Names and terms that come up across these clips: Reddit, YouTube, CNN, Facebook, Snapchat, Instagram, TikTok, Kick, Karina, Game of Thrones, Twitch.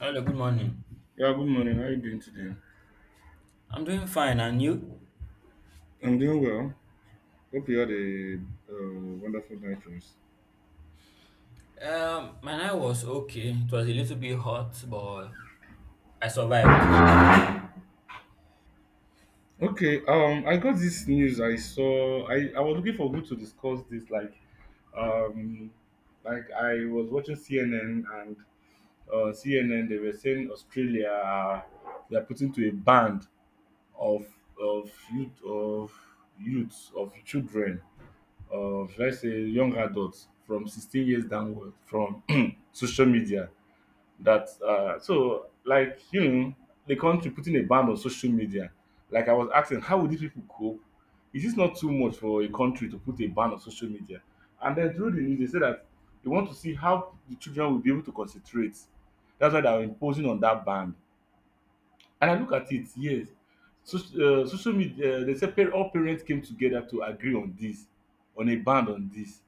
Hello, good morning. Yeah, good morning. How are you doing today? I'm doing fine, and you? I'm doing well. Hope you had a wonderful night rest. My night was okay. It was a little bit hot, but I survived. Okay, I got this news. I saw. I was looking for who to discuss this. Um, like I was watching CNN and CNN. They were saying Australia they are putting to a ban of youth of youths of children of, let's say, young adults from 16 years downward from social media. That so, like, the country putting a ban on social media. Like, I was asking, how would these people cope? Is this not too much for a country to put a ban on social media? And then through the news, they say that they want to see how the children will be able to concentrate. That's why they are imposing on that ban. And I look at it, yes. So, social media, they say all parents came together to agree on this on a ban on this.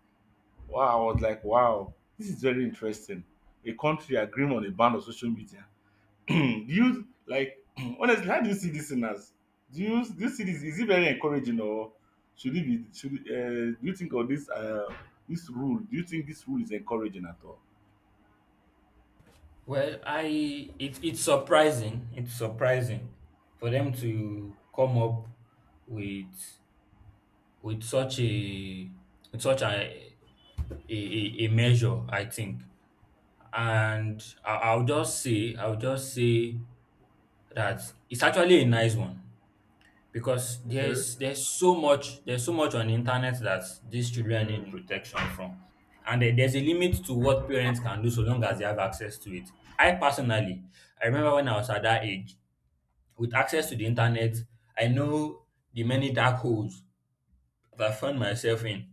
Wow, I was like, wow, this is very interesting. A country agreeing on a ban on social media. Hmm, do you, like, honestly, how do you see this thing as? Do you see, this is it very encouraging? Or should it be, should do you think of this rule? Do you think this rule is encouraging at all? Well, it's surprising. It's surprising for them to come up with such a with such a a measure, I think. And I'll just say that it's actually a nice one. Because there's so much on the internet that these children need protection from, and there's a limit to what parents can do so long as they have access to it. I personally, I remember when I was at that age with access to the internet. I know the many dark holes that I found myself in,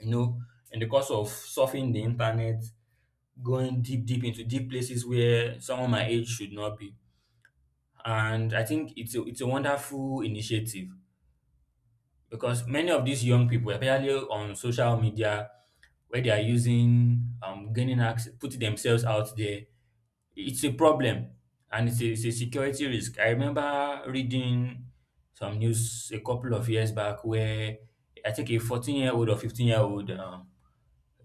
you know, in the course of surfing the internet, going deep into deep places where someone my age should not be. And I think it's a wonderful initiative because many of these young people, especially on social media, where they are using gaining access, putting themselves out there, it's a problem. And it's a security risk. I remember reading some news a couple of years back where I think a 14-year-old or 15-year-old um,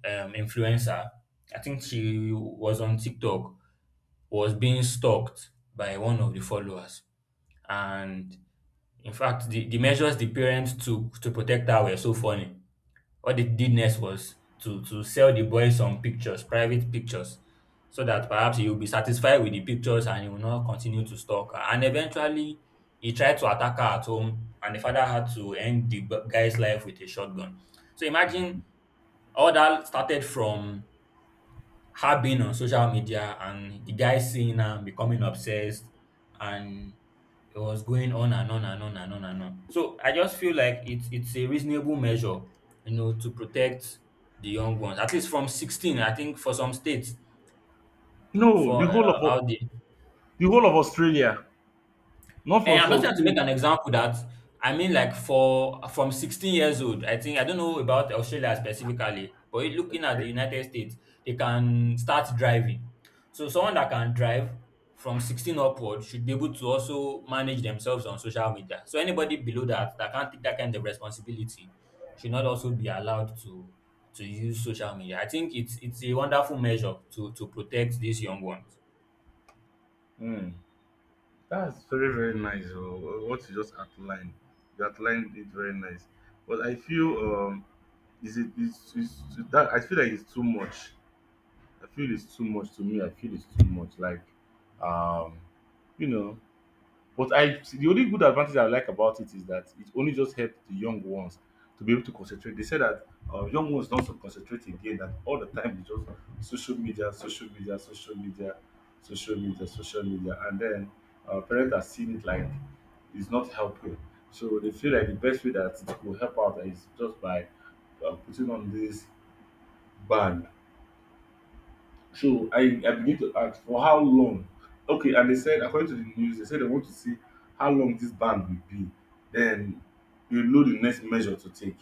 um, influencer, I think she was on TikTok, was being stalked by one of the followers. And in fact, the measures the parents took to protect her were so funny. What they did next was to sell the boy some pictures, private pictures, so that perhaps he will be satisfied with the pictures and he will not continue to stalk her. And eventually, he tried to attack her at home, and the father had to end the guy's life with a shotgun. So imagine all that started from her being on social media and the guy seeing her becoming obsessed, and it was going on and on and on and on and on. So I just feel like it's a reasonable measure, you know, to protect the young ones. At least from 16, I think for some states, No, the for whole of out there. the whole of Australia, No, not eh, from I'm not some trying to make states. an example that. I mean, like for from 16 years old, I think, I don't know about Australia specifically, but looking at Eh? the United States, they can start driving. So someone that can drive from 16 upward should be able to also manage themselves on social media. So anybody below that that can't take that kind of responsibility should not also be allowed to use social media. I think it's a wonderful measure to protect these young ones. Hmm. That's very, very nice. Oh, what you just outlined, you outlined it very nice. But I feel, is it is that I feel like it's too much. I feel it's too much, to me. I feel it's too much. Like, um, you know, but I the only good advantage I like about it is that it only just helped the young ones to be able to concentrate. They said that young ones don't so concentrate again. That all the time it's just social media, social media, social media, social media, social media. And then parents are seeing it like it's not helping. So they feel like the best way that it will help out is just by putting on this ban. So I begin to ask, for how long? Okay, and they said, according to the news, they said they want to see how long this ban will be. Then, you know, the next measure to take.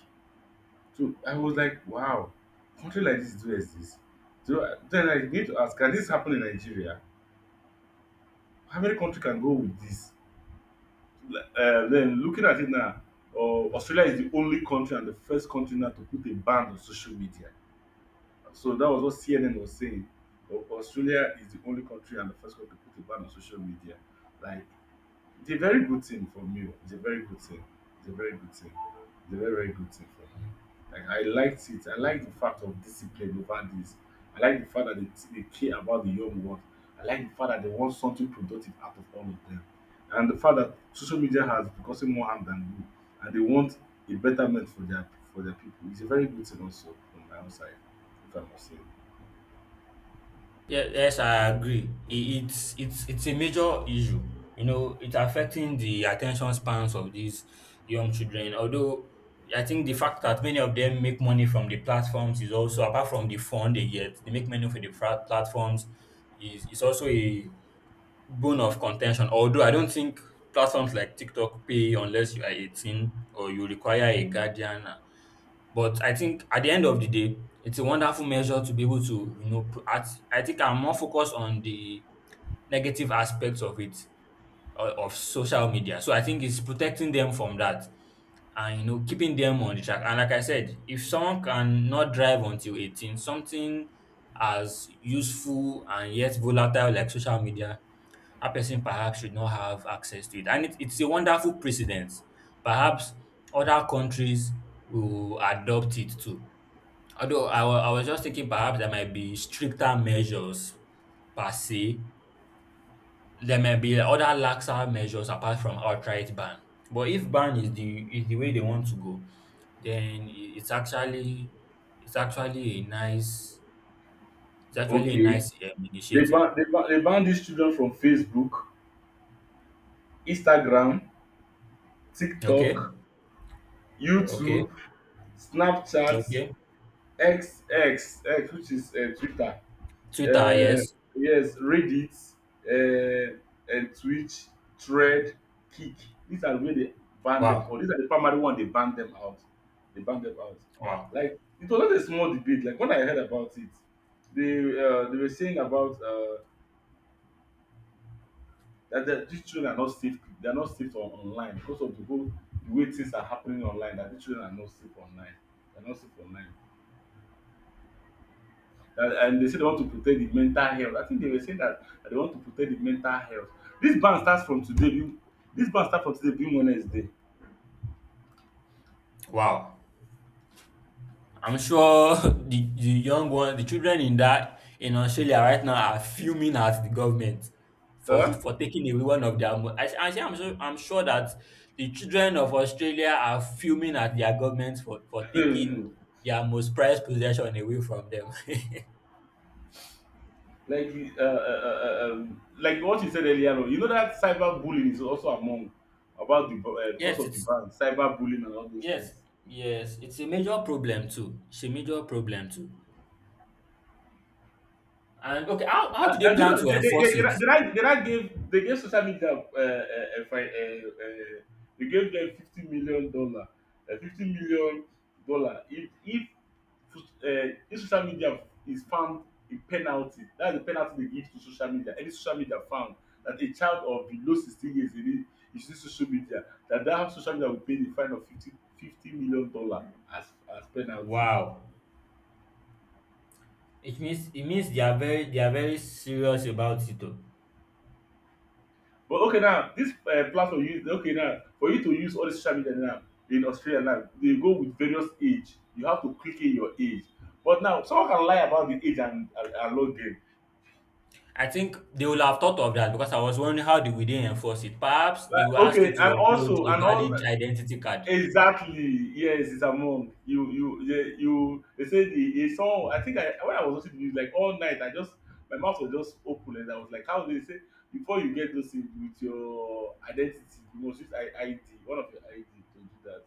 So I was like, wow, country like this do exist. So then I begin to ask, can this happen in Nigeria? How many country can go with this? Then, looking at it now, Australia is the only country and the first country now to put a ban on social media. So that was what CNN was saying. Australia is the only country and the first country to put a ban on social media. Like, it's a very good thing for me. Oh. It's a very good thing. It's a very good thing. It's a very, very good thing for me. Like, I liked it. I like the fact of discipline over this. I like the fact that they care about the young ones. I like the fact that they want something productive out of all of them. And the fact that social media has been causing more harm than good. And they want a betterment for their people. It's a very good thing also from my own side, if I must say. Yes, I agree. It's it's a major issue. You know, it's affecting the attention spans of these young children. Although I think the fact that many of them make money from the platforms is also, apart from the fund they get, they make money from the platforms, is also a bone of contention. Although I don't think platforms like TikTok pay unless you are 18 or you require a guardian. But I think at the end of the day, it's a wonderful measure to be able to, you know, I think I'm more focused on the negative aspects of it, of social media. So I think it's protecting them from that and, you know, keeping them on the track. And like I said, if someone can not drive until 18, something as useful and yet volatile like social media, that person perhaps should not have access to it. And it's a wonderful precedent. Perhaps other countries will adopt it too. Although I was just thinking perhaps there might be stricter measures per se. There might be other laxer measures apart from outright ban. But if ban is the way they want to go, then it's actually it's actually a nice it's actually a Okay. nice They initiative. ban they ban they ban these children from Facebook, Instagram, Okay, TikTok, okay, YouTube, Snapchat, okay. X X X, which is Twitter. Twitter, Uh, yes. yes, Reddit, uh, and Twitch, Thread, Kick. These are where they ban them. Or Wow. these are the primary one they ban them out. They ban them out. Wow. Like, it was not a small debate. Like when I heard about it, they, they were saying about that these children are not safe. They are not safe on online because of the way things are happening online, that these children are not safe online, they are not safe online. And, they say they want to protect the mental health. I think they were saying that, they want to protect the mental health. this ban starts from today being this ban starts from today being Wednesday. Wow. I'm sure the young one, the children in that in Australia right now are fuming at the government for Huh? Taking away one of their. I'm sure, I'm sure that the children of Australia are fuming at their government for taking their most prized possession away from them. Like, uh, uh, like, what you said earlier on, you know, that cyber bullying is also among, about the because Yes, of the ban, cyber bullying and all those yes, things. yes. It's a major problem too. It's a major problem too. And okay, how do they I do plan not. to enforce Did it? I did I did I give they gave social media they gave them $50 million, $50 million. If social media is found a penalty, that's the penalty they give to social media. Any social media found that a child of below 16 years is in it, is using social media, that social media will pay the fine of fifty fifty million dollar as penalties. Wow. It means, they are very, they are very serious about it, oh. But okay now, this platform use, okay, now for you to use all the social media now in Australia, now they go with various age. You have to click in your age. But now someone can lie about the age, and log in. I think they will have thought of that because I was wondering how they will they enforce it. Perhaps they Like, will ask okay, you to upload a and also, valid identity card. exactly, yes, it's among you, yeah, you, they say, the a song. I think I when I was watching the news, like all night, I just my mouth was just open. And I was like, how do they say, before you get those things with your identity, you must use ID, one of your ID, to do that.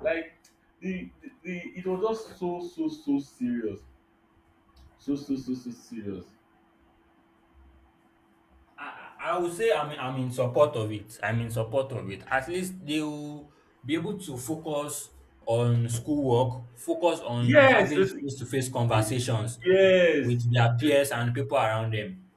Like, the it was just so, so, so serious. So, so, so, so serious. I would say I'm in support of it. I'm in support of it. At least they will be able to focus on schoolwork, focus on Yes, having this. face to face conversations Yes, with their it. peers and people around them.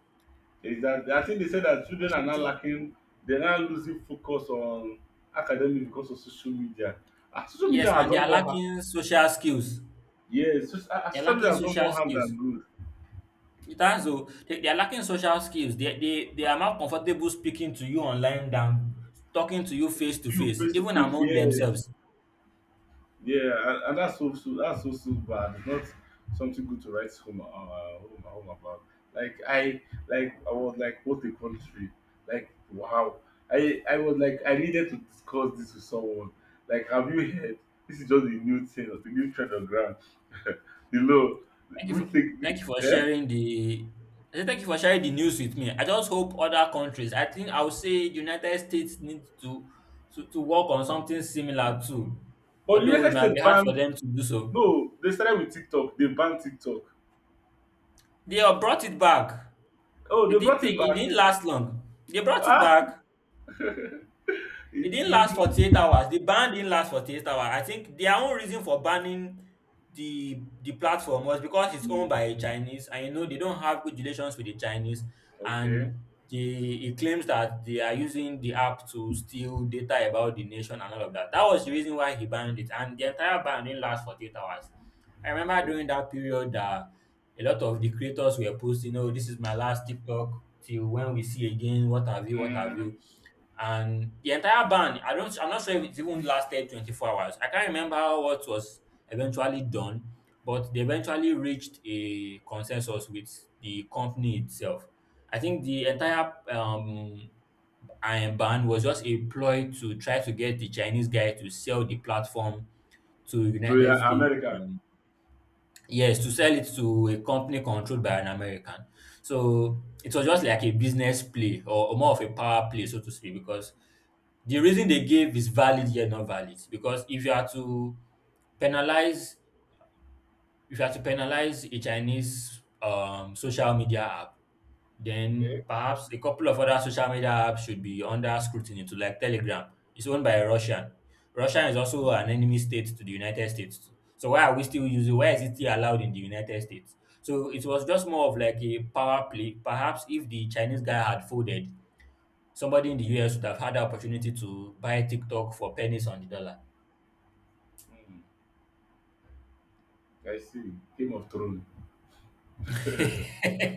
Exactly. I think they said that children are now lacking, they are now losing focus on academic because of social media. Ah, social media Yes, has and they done are more harm. lacking social skills. Yes, They're social media lacking has done social more harm skills. than good. It has though. They are lacking social skills. They are more comfortable speaking to you online than talking to you face to You face, face to even face. among Yes. themselves. Yeah, and that's so, so that's so, so bad. It's not something good to write home, home about. Like I like I was like, what a country. Like, wow. I was like, I needed to discuss this with someone. Like, have you heard? This is just the new thing, the new trend on ground. The law. Thank you We for think. thank you for Eh? sharing the I say thank you for sharing the news with me. I just hope other countries. I think I would say United States needs to work on something similar too. But the Although it United might States be hard for banned, them to do so. no, they started with TikTok. They banned TikTok. They have brought it back. Oh, they brought it It back. didn't last long. They brought it Ah. back. It it, didn't last 48 the, hours. The ban didn't last 48 hours. I think their own reason for banning the platform was because it's owned Mm, by a Chinese, and you know they don't have good relations with the Chinese, okay. and they, it claims that they are using the app to steal data about the nation and all of that. That was the reason why he banned it, and the entire ban didn't last 48 hours. I remember during that period that a lot of the creators were posting, "Oh, this is my last TikTok till when we see again. What have you? What have you?" And the entire ban, I don't, I'm not sure if it even lasted 24 hours. I can't remember what was eventually done, but they eventually reached a consensus with the company itself. I think the entire iron ban was just a ploy to try to get the Chinese guy to sell the platform to To United States. America. um, Yes, to sell it to a company controlled by an American. So it was just like a business play or more of a power play, so to say, because the reason they gave is valid yet not valid. Because if you are to penalize, if you are to penalize a Chinese social media app, then Okay. perhaps a couple of other social media apps should be under scrutiny too, like Telegram. It's owned by a Russian. Russia is also an enemy state to the United States. So why are we still using, why is it still allowed in the United States? So it was just more of like a power play. Perhaps if the Chinese guy had folded, somebody in the US would have had the opportunity to buy TikTok for pennies on the dollar. Mm, I see. Game of Thrones.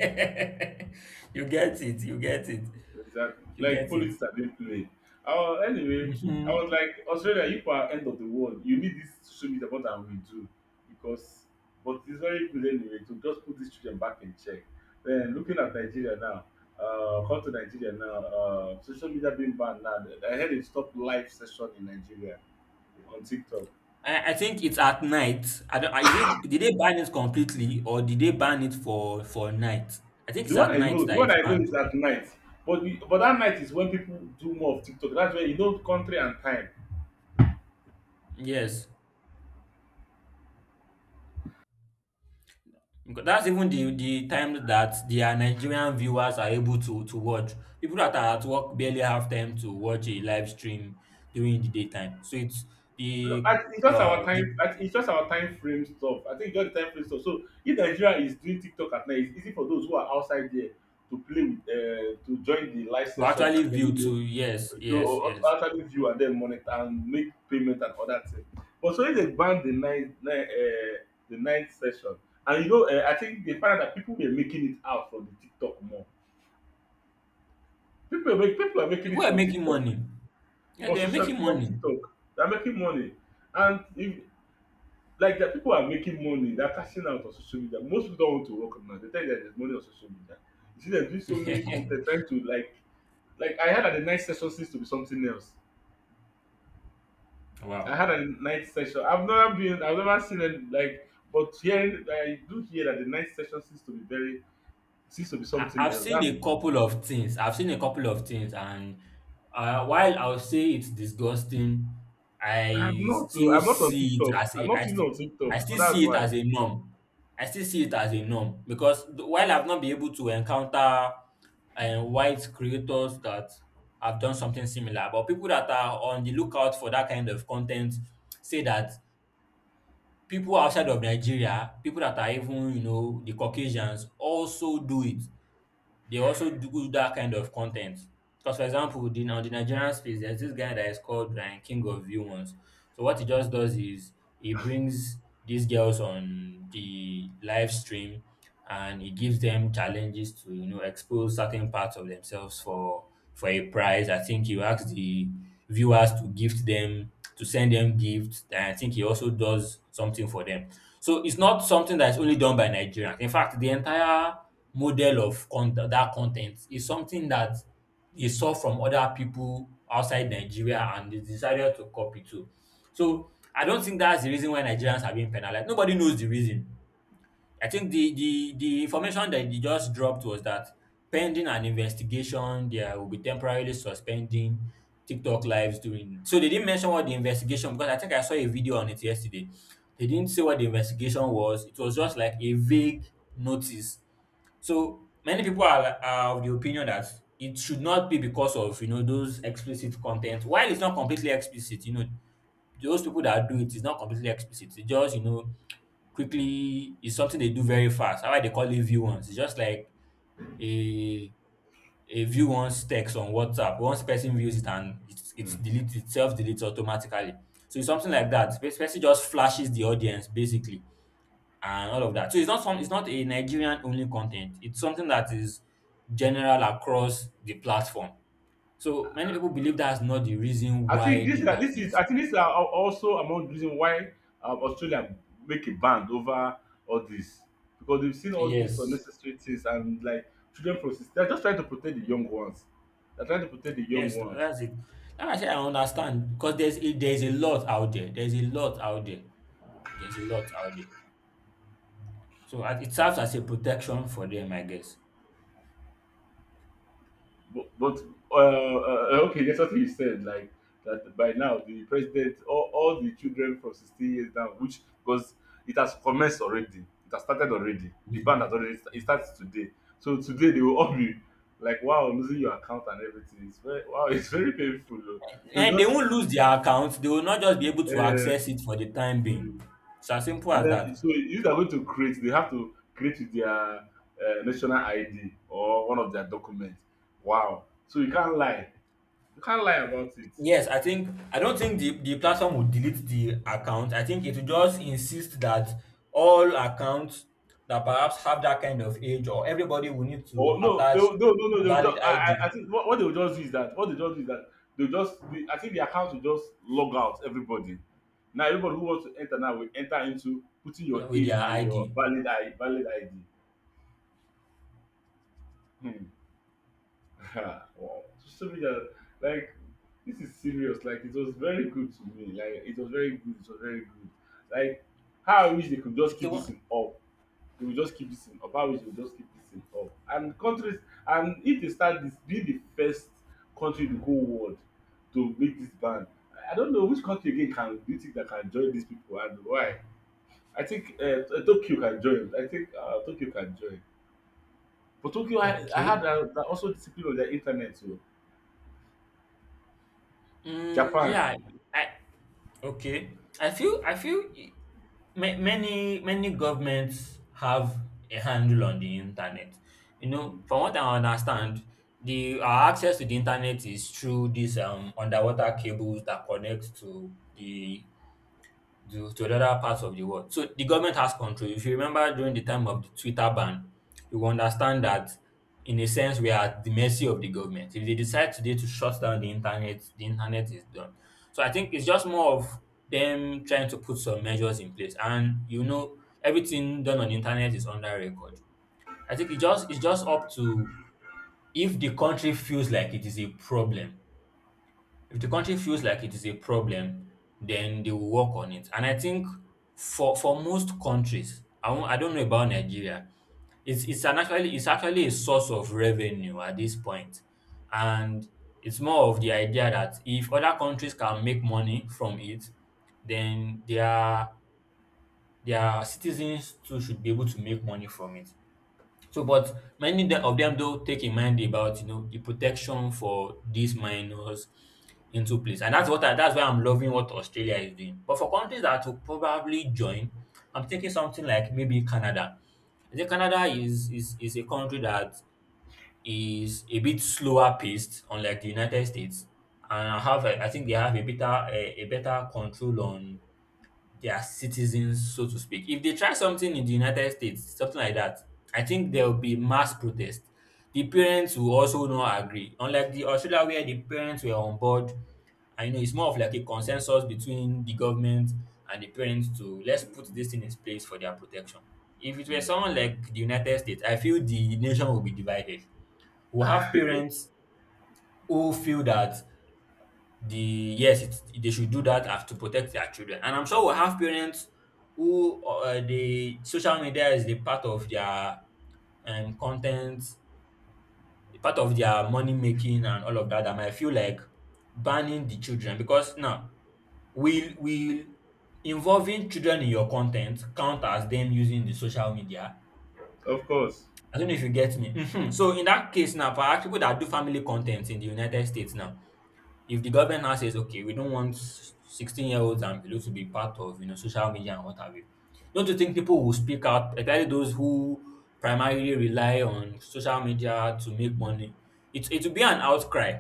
You get it, you get it, Exactly. you Like, get it. politics are being played. Oh, anyway, I Mhm. was like, Australia, you are end of the world. You need this social media more than we do. Because, but it's very good anyway to just put these children back in check. Then, looking at Nigeria now, come to Nigeria now, social media being banned now. I heard it stopped live session in Nigeria on TikTok. I think it's at night. I don't, is it, did they ban it completely or did they ban it for night? I think it's at night The that one it's I know banned. is at night. But but that night is when people do more of TikTok. That's where you know country and time. Yes, because that's even the time that their Nigerian viewers are able to watch. People that are at work barely have time to watch a live stream during the daytime. So it's No, the it's just our time. the I think it's just our time frame stuff. I think it's just the time frame stuff. So if Nigeria is doing TikTok at night, it's easy for those who are outside there to join the live to session, actually and then, view to, yes, yes, yes. or actually view and then monitor and make payment and all that thing. But so if they ban the night, night the night session, and, I think they found out that people were making it out from the TikTok more. People are making People it are from making TikTok, money. Yeah, they are making from money. TikTok, they're making money. And if, people are making money. They're cashing out on social media. Most people don't want to work now. They tell you that there's money on social media. You see, they're doing so many content, trying to like, I heard that the night session seems to be something else. I Wow. had a night session. I've never been. I've never seen it, like. But hearing I do hear that the night session seems to be I, something I've else. seen a I'm couple of things. I've seen a couple of things, and while I'll say it's disgusting, I'm I not. Still I'm not on see it TikTok. as I'm a not even on I TikTok. So still that's see it why. as a norm. I still see it as a norm because while I've not been able to encounter white creators that have done something similar, but people that are on the lookout for that kind of content say that people outside of Nigeria, people that are even you know the Caucasians, also do it. They also do that kind of content. Because for example, on the Nigerian space, there's this guy that is called like King of View once. So what he just does is he brings these girls on the live stream and he gives them challenges to you know expose certain parts of themselves for a prize. I think he asks the viewers to gift them, to send them gifts. And I think he also does something for them. So it's not something that's only done by Nigerians. In fact, the entire model of content is something that they saw from other people outside Nigeria, and they decided to copy too. So I don't think that's the reason why Nigerians are being penalized. Nobody knows the reason. I think the information that they just dropped was that pending an investigation, they will be temporarily suspending TikTok lives during. So they didn't mention what the investigation, because I think I saw a video on it yesterday. They didn't say what the investigation was. It was just like a vague notice. So many people are of the opinion that it should not be because of those explicit content. While it's not completely explicit, those people that do it is not completely explicit. It just quickly, it's something they do very fast. How they call it view once. It's just like a a view once text on WhatsApp. Once person views it and it's Okay. deletes itself, deletes automatically. So it's something like that. This person just flashes the audience basically and all of that. So it's not a Nigerian only content. It's something that is general across the platform. So many people believe that's not the reason I think why this the ban this is is. I think this is also among the reason why, Australia make a ban over all this, because they've seen all these Yes. unnecessary things. And like children they're just trying to protect the young ones. They're trying to protect the young Yes. Ones. That's it. And I say I understand because there's a lot out there. There's a lot out there. There's a lot out there. It serves as a protection for them, I guess. But okay, that's what he said. Like that by now, the president, all the children from 16 years down, which because it has commenced already, it has started already. The ban has Mhm. already it starts today. So today they will all be like, wow, losing your account and everything. It's very wow, it's very painful. Though. They And they just won't lose their account. They will not just be able to uh, access it for the time mm. being. It's as simple And as then that. so if they are going to create, they have to create with their national ID or one of their documents. Wow. So you can't lie. You can't lie about it. Yes, I don't think the platform will delete the account. I think it will just insist that all accounts that perhaps have that kind of age, or everybody will need to Or no, attach no, no, no. They will valid just, I, I ID I think what they will just do is that what they just do is that they will just. The, I think the account will just log out everybody. Now everybody who wants to enter now will enter into putting your with age their and your ID. Valid ID. Hmm. Wow. Social media, like this is serious. Like it was very good to me. Like it was very good. It was very good. Like how I wish they could just It's the keep this one. in up. They will just keep this thing up. Obanjo will just keep this thing up. And countries, and if they start this, be the first country in the whole world to make this ban. I don't know which country again can do you think that can join these people and why. I think Tokyo can join. I think Tokyo can join. But Tokyo, I Okay. had that also discipline on their internet too. Mm, Japan. yeah, I, Okay, I feel I feel i- many governments have a handle on the internet. You know, Mm, from what I understand, the our access to the internet is through these underwater cables that connect to the to other parts of the world. So the government has control. If you remember during the time of the Twitter ban, you will understand that in a sense we are at the mercy of the government. If they decide today to shut down the internet is done. So I think it's just more of them trying to put some measures in place. And you know, everything done on the internet is under record. I think it's just up to, if the country feels like it is a problem, if the country feels like it is a problem, then they will work on it. And I think for most countries, I don't know about Nigeria. It's an actually it's actually a source of revenue at this point, and it's more of the idea that if other countries can make money from it, then their citizens too should be able to make money from it. So, but many of them do take in mind about you know the protection for these minors into place, and that's that's why I'm loving what Australia is doing. But for countries that will probably join, I'm thinking something like maybe Canada. I think Canada is a country that is a bit slower paced, unlike the United States, and have I think they have a better control on their citizens, so to speak. If they try something in the United States, something like that, I think there will be mass protest. The parents will also not agree. Unlike the Australia where the parents were on board, I know it's more of like a consensus between the government and the parents to, let's put mm, this in its place for their protection. If it were mm. someone like the United States, I feel the nation will be divided. We'll have parents who feel that the yes, it's, they should do that as to protect their children. And I'm sure we'll have parents who the social media is the part of their content, part of their money making and all of that. And I feel like banning the children because now will involving children in your content count as them using the social media? Of course. I don't know if you get me. Mhm. So in that case now, perhaps people that do family content in the United States now, if the government now says, okay, we don't want 16-year-olds and below to be part of, you know, social media and what have you, don't you think people will speak out, especially those who primarily rely on social media to make money? It will be an outcry.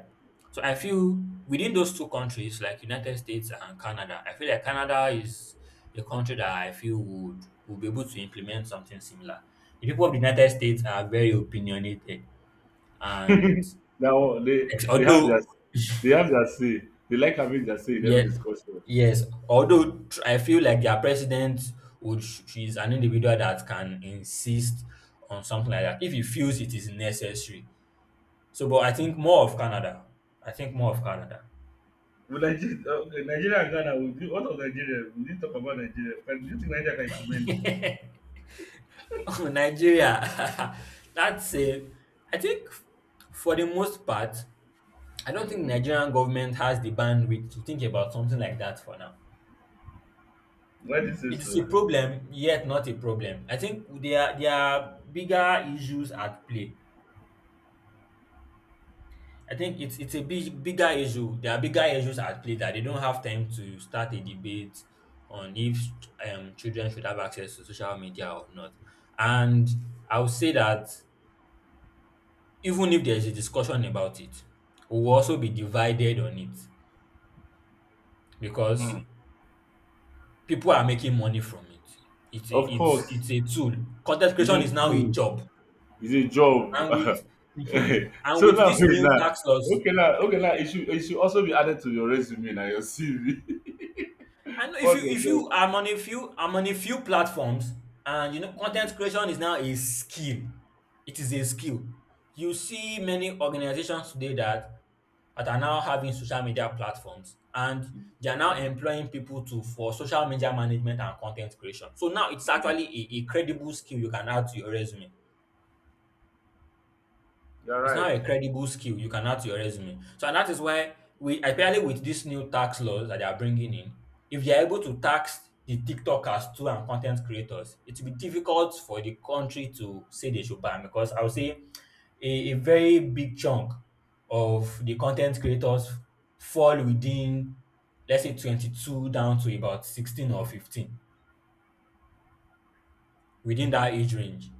So I feel within those two countries, like United States and Canada, I feel like Canada is a country that I feel would be able to implement something similar. The people of the United States are very opinionated and Now they ex- they have their although they have their say. They like having their say in every Yeah, discussion. yes. I feel like their president she's an individual that can insist on something like that if he feels it is necessary. So, but I think more of Canada. I think more of Canada. Will Nigeria, okay, Nigeria and Ghana, will do, what of Nigeria? We need to talk about Nigeria. Can, do you think Nigeria can implement Oh, Nigeria. That's a. I think for the most part, I don't this? think Mm, Nigerian government has the bandwidth to think about something like that for now. why do you say It is so? a problem, yet not a problem. I think there are bigger issues at play. I think it's a big bigger issue. There are bigger issues at play that they don't have time to start a debate on if children should have access to social media or not. And I would say that even if there's a discussion about it, we will also be divided on it Hmm. because people are making money from it. Of course, It's a tool. Content is creation a is now a tool, job, is a job. and with mhm. And So with now these wait new now. tax laws, Okay now, okay now. It should also be added to your resume now your CV. I know What's your if job? you I'm on a few, I'm on a few platforms, and you know Mm, content creation is now a skill. It is a skill. You see many organizations today that that are now having social media platforms, and mm. they are now employing people to for social media management and content creation. So now it's actually a credible skill you can add to your resume. You're It's now right. a credible skill you can add to your resume. So, and that is why we apparently with these new tax laws that they are bringing in, if they are able to tax the TikTokers too and content creators, it will be difficult for the country to say they should ban, because I would say a very big chunk of the content creators fall within let's say 22 down to about 16 or 15, within that age range,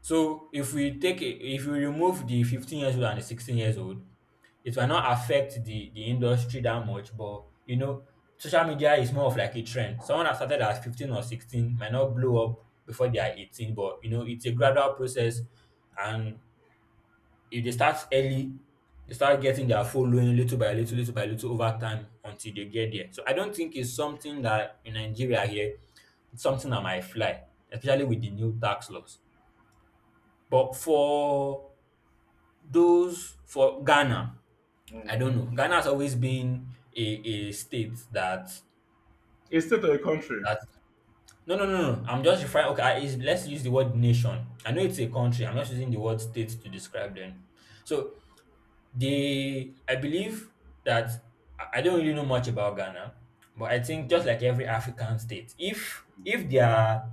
so if we take a, if we remove the 15 years old and the 16 years old, it will not affect the industry that much. But you know, social media is more of like a trend. Someone that started at 15 or 16 might not blow up before they are 18, but you know, it's a gradual process. And if they start early, they start getting their following little by little over time until they get there. So I don't think it's something that in Nigeria here, it's something that might fly, especially with the new tax laws. But for those, for Ghana, I Mm-hmm. don't know. Ghana has always been a state that A state or a country that no. I'm just referring. Okay, let's use the word nation. I know it's a country. I'm not using the word state to describe them. So they, I believe that I don't really know much about Ghana, but I think just like every African state, if there are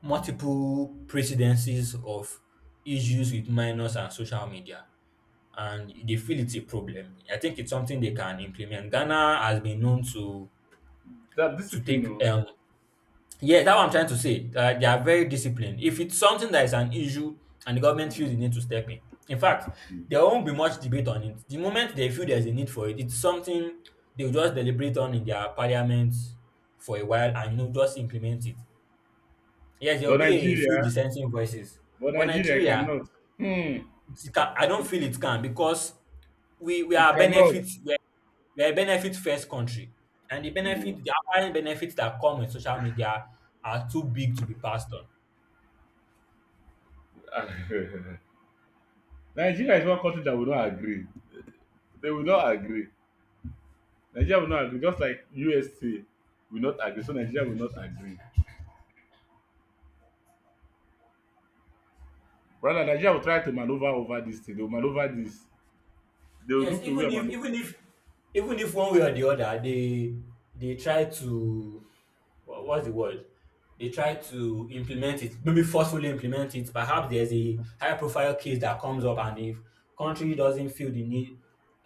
multiple presidencies of issues with minors and social media, and they feel it's a problem. I think it's something they can implement. Ghana has been known that to discipline, take no. Yeah, that's what I'm trying to say. That they are very disciplined. If it's something that is an issue and the government feels Mm, the need to step in. In fact, mm. there won't be much debate on it. The moment they feel there's a need for it, it's something they'll just deliberate on in their parliament for a while and you know just implement it. Yes, there will But be a few Nigeria, dissenting voices. but But Nigeria Nigeria, cannot. Hmm. it can, I don't feel it can because we we It are cannot. benefits. We're a benefit first country, and the Hmm. benefit, the apparent benefits that come with social media are too big to be passed on. Nigeria is one country that will not agree. They will not agree. Nigeria will not agree. Just like USA will not agree. So Nigeria will not agree. Rather, Nigeria will try to maneuver over this thing. They will maneuver this. They will Yes, look for a way and maneuver. Even if one way or the other they try to what's the word, they try to implement it, maybe forcefully implement it. Perhaps there's a high profile case that comes up, and if country doesn't feel the need,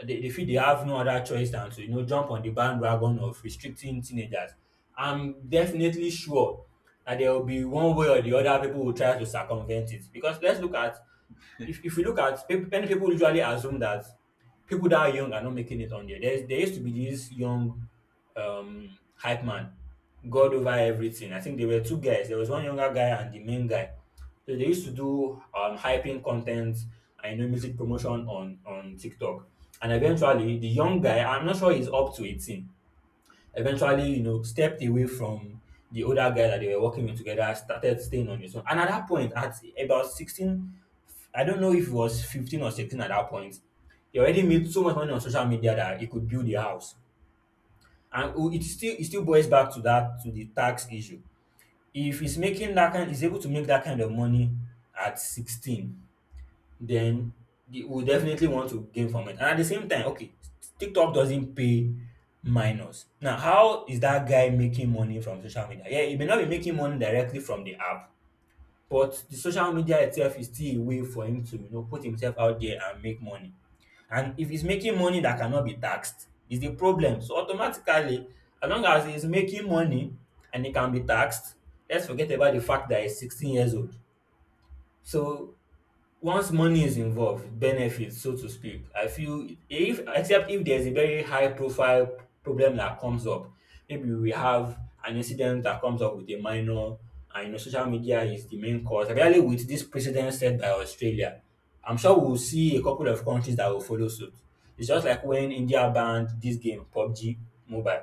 they feel they have no other choice than to jump on the bandwagon of restricting teenagers. I'm definitely sure that there will be one way or the other, people will try to circumvent it. Because let's look at, if you look at many people usually assume that people that are young are not making it on there. There used to be this young hype man, God over everything. I think there were two guys. There was one younger guy and the main guy. So they used to do hyping content, and you know, music promotion on TikTok. And eventually, the young guy, I'm not sure he's up to 18, eventually, you know, stepped away from the older guy that they were working with together. I started staying on his own. And at that point, at about 16, I don't know if it was 15 or 16 at that point, he already made so much money on social media that he could build a house. And oh, it still boils back to that, to the tax issue. If he's making that kind, he's able to make that kind of money at 16, then they will definitely want to gain from it. And at the same time, okay, TikTok doesn't pay minors. Now, how is that guy making money from social media? Yeah, he may not be making money directly from the app, but the social media itself is still a way for him to, you know, put himself out there and make money. And if he's making money that cannot be taxed, is the problem. So automatically, as long as he's making money and he can be taxed, let's forget about the fact that he's 16 years old. So once money is involved, benefits so to speak, I feel if, except if there's a very high profile problem that comes up, maybe we have an incident that comes up with a minor, and you know, social media is the main cause really. With this precedent set by Australia, I'm sure we'll see a couple of countries that will follow suit. It's just like when India banned this game, PUBG Mobile.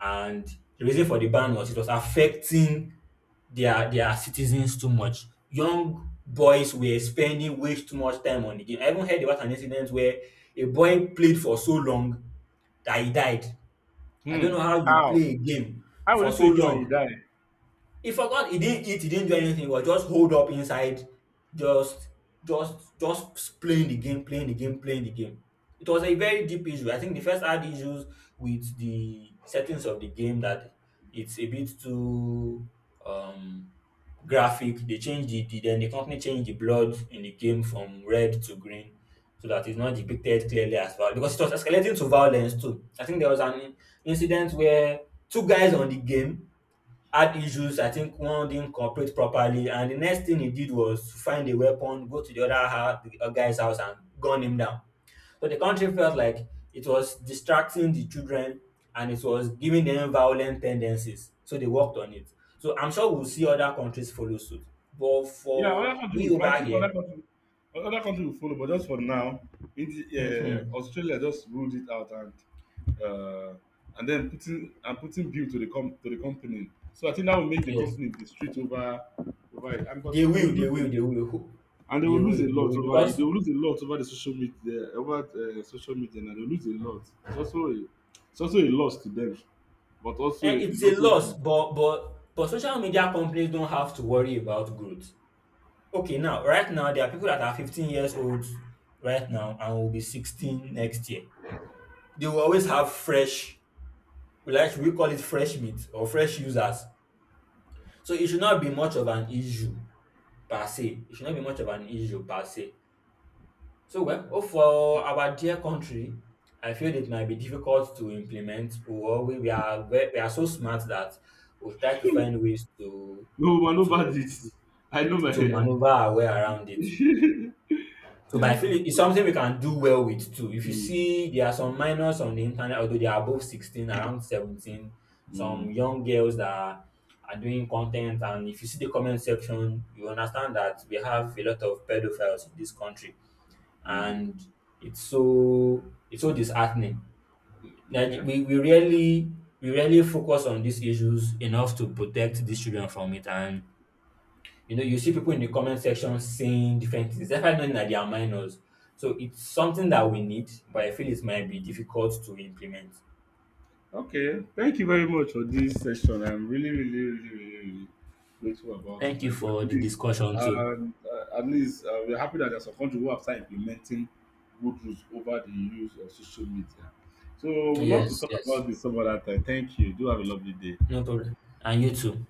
And the reason for the ban was it was affecting their citizens too much. Young boys were spending way too much time on the game. I even heard about an incident where a boy played for so long that he died. I don't Hmm. know how you How? play a game How will for you so play a game and you long. die? He forgot. He didn't eat. He didn't do anything. He was just holed up inside, just, just playing the game, playing the game, playing the game. It was a very deep issue. I think the first had issues with the settings of the game, that it's a bit too um, graphic. They changed the, the company changed the blood in the game from red to green, so that it's not depicted clearly as well, because it was escalating to violence too. I think there was an incident where two guys on the game had issues. I think one didn't cooperate properly, and the next thing he did was to find a weapon, go to the other house, the other guy's house, and gun him down. So the country felt like it was distracting the children and it was giving them violent tendencies. So they worked on it. So I'm sure we'll see other countries follow suit. But Yeah, other for country we will. I over think here, other country will follow. But just for now, mhm, Australia just ruled it out uh, and then putting bill to the company. So I think that will make the yes, company distraught over over it, and but they they will will, they lose will, they will, a, and they they will lose will, a they lot will, over it. They because will lose a lot over the social media over social media, and they will lose a lot. It's also a loss to them, but also eh, it's it's a also loss. good. But social media companies don't have to worry about growth. Okay, now, right now, there are people that are 15 years old right now and will be 16 next year. They will always have fresh, we like, we call it fresh meat or fresh users. So it should not be much of an issue per se. It should not be much of an issue per se. So, well, oh, for our dear country, I feel it might be difficult to implement, or we we are so smart that we try to find ways to No man over to this. I know my. maneuver our way around it. So, but I feel it's something we can do well with too. If you Mm, see, there are some minors on the internet, although they are above 16, around 17, mm, some young girls that are doing content. And if you see the comment section, you understand that we have a lot of pedophiles in this country. mm. And it's so disheartening. Like Okay. We really, we really focus on these issues enough to protect these children from it, and you know, you see people in the comment section saying different things, despite knowing that they are minors. So it's something that we need, but I feel it might be difficult to implement. Okay, thank you very much for this session. I'm really, really, really, really, really grateful about it. Thank you Like for the discussion too. At least we're happy that there's some country who have started implementing good rules over the use of social media. So we'd love to Yes, talk about yes. this some other time. Thank you. Do have a lovely day. No problem. And you too.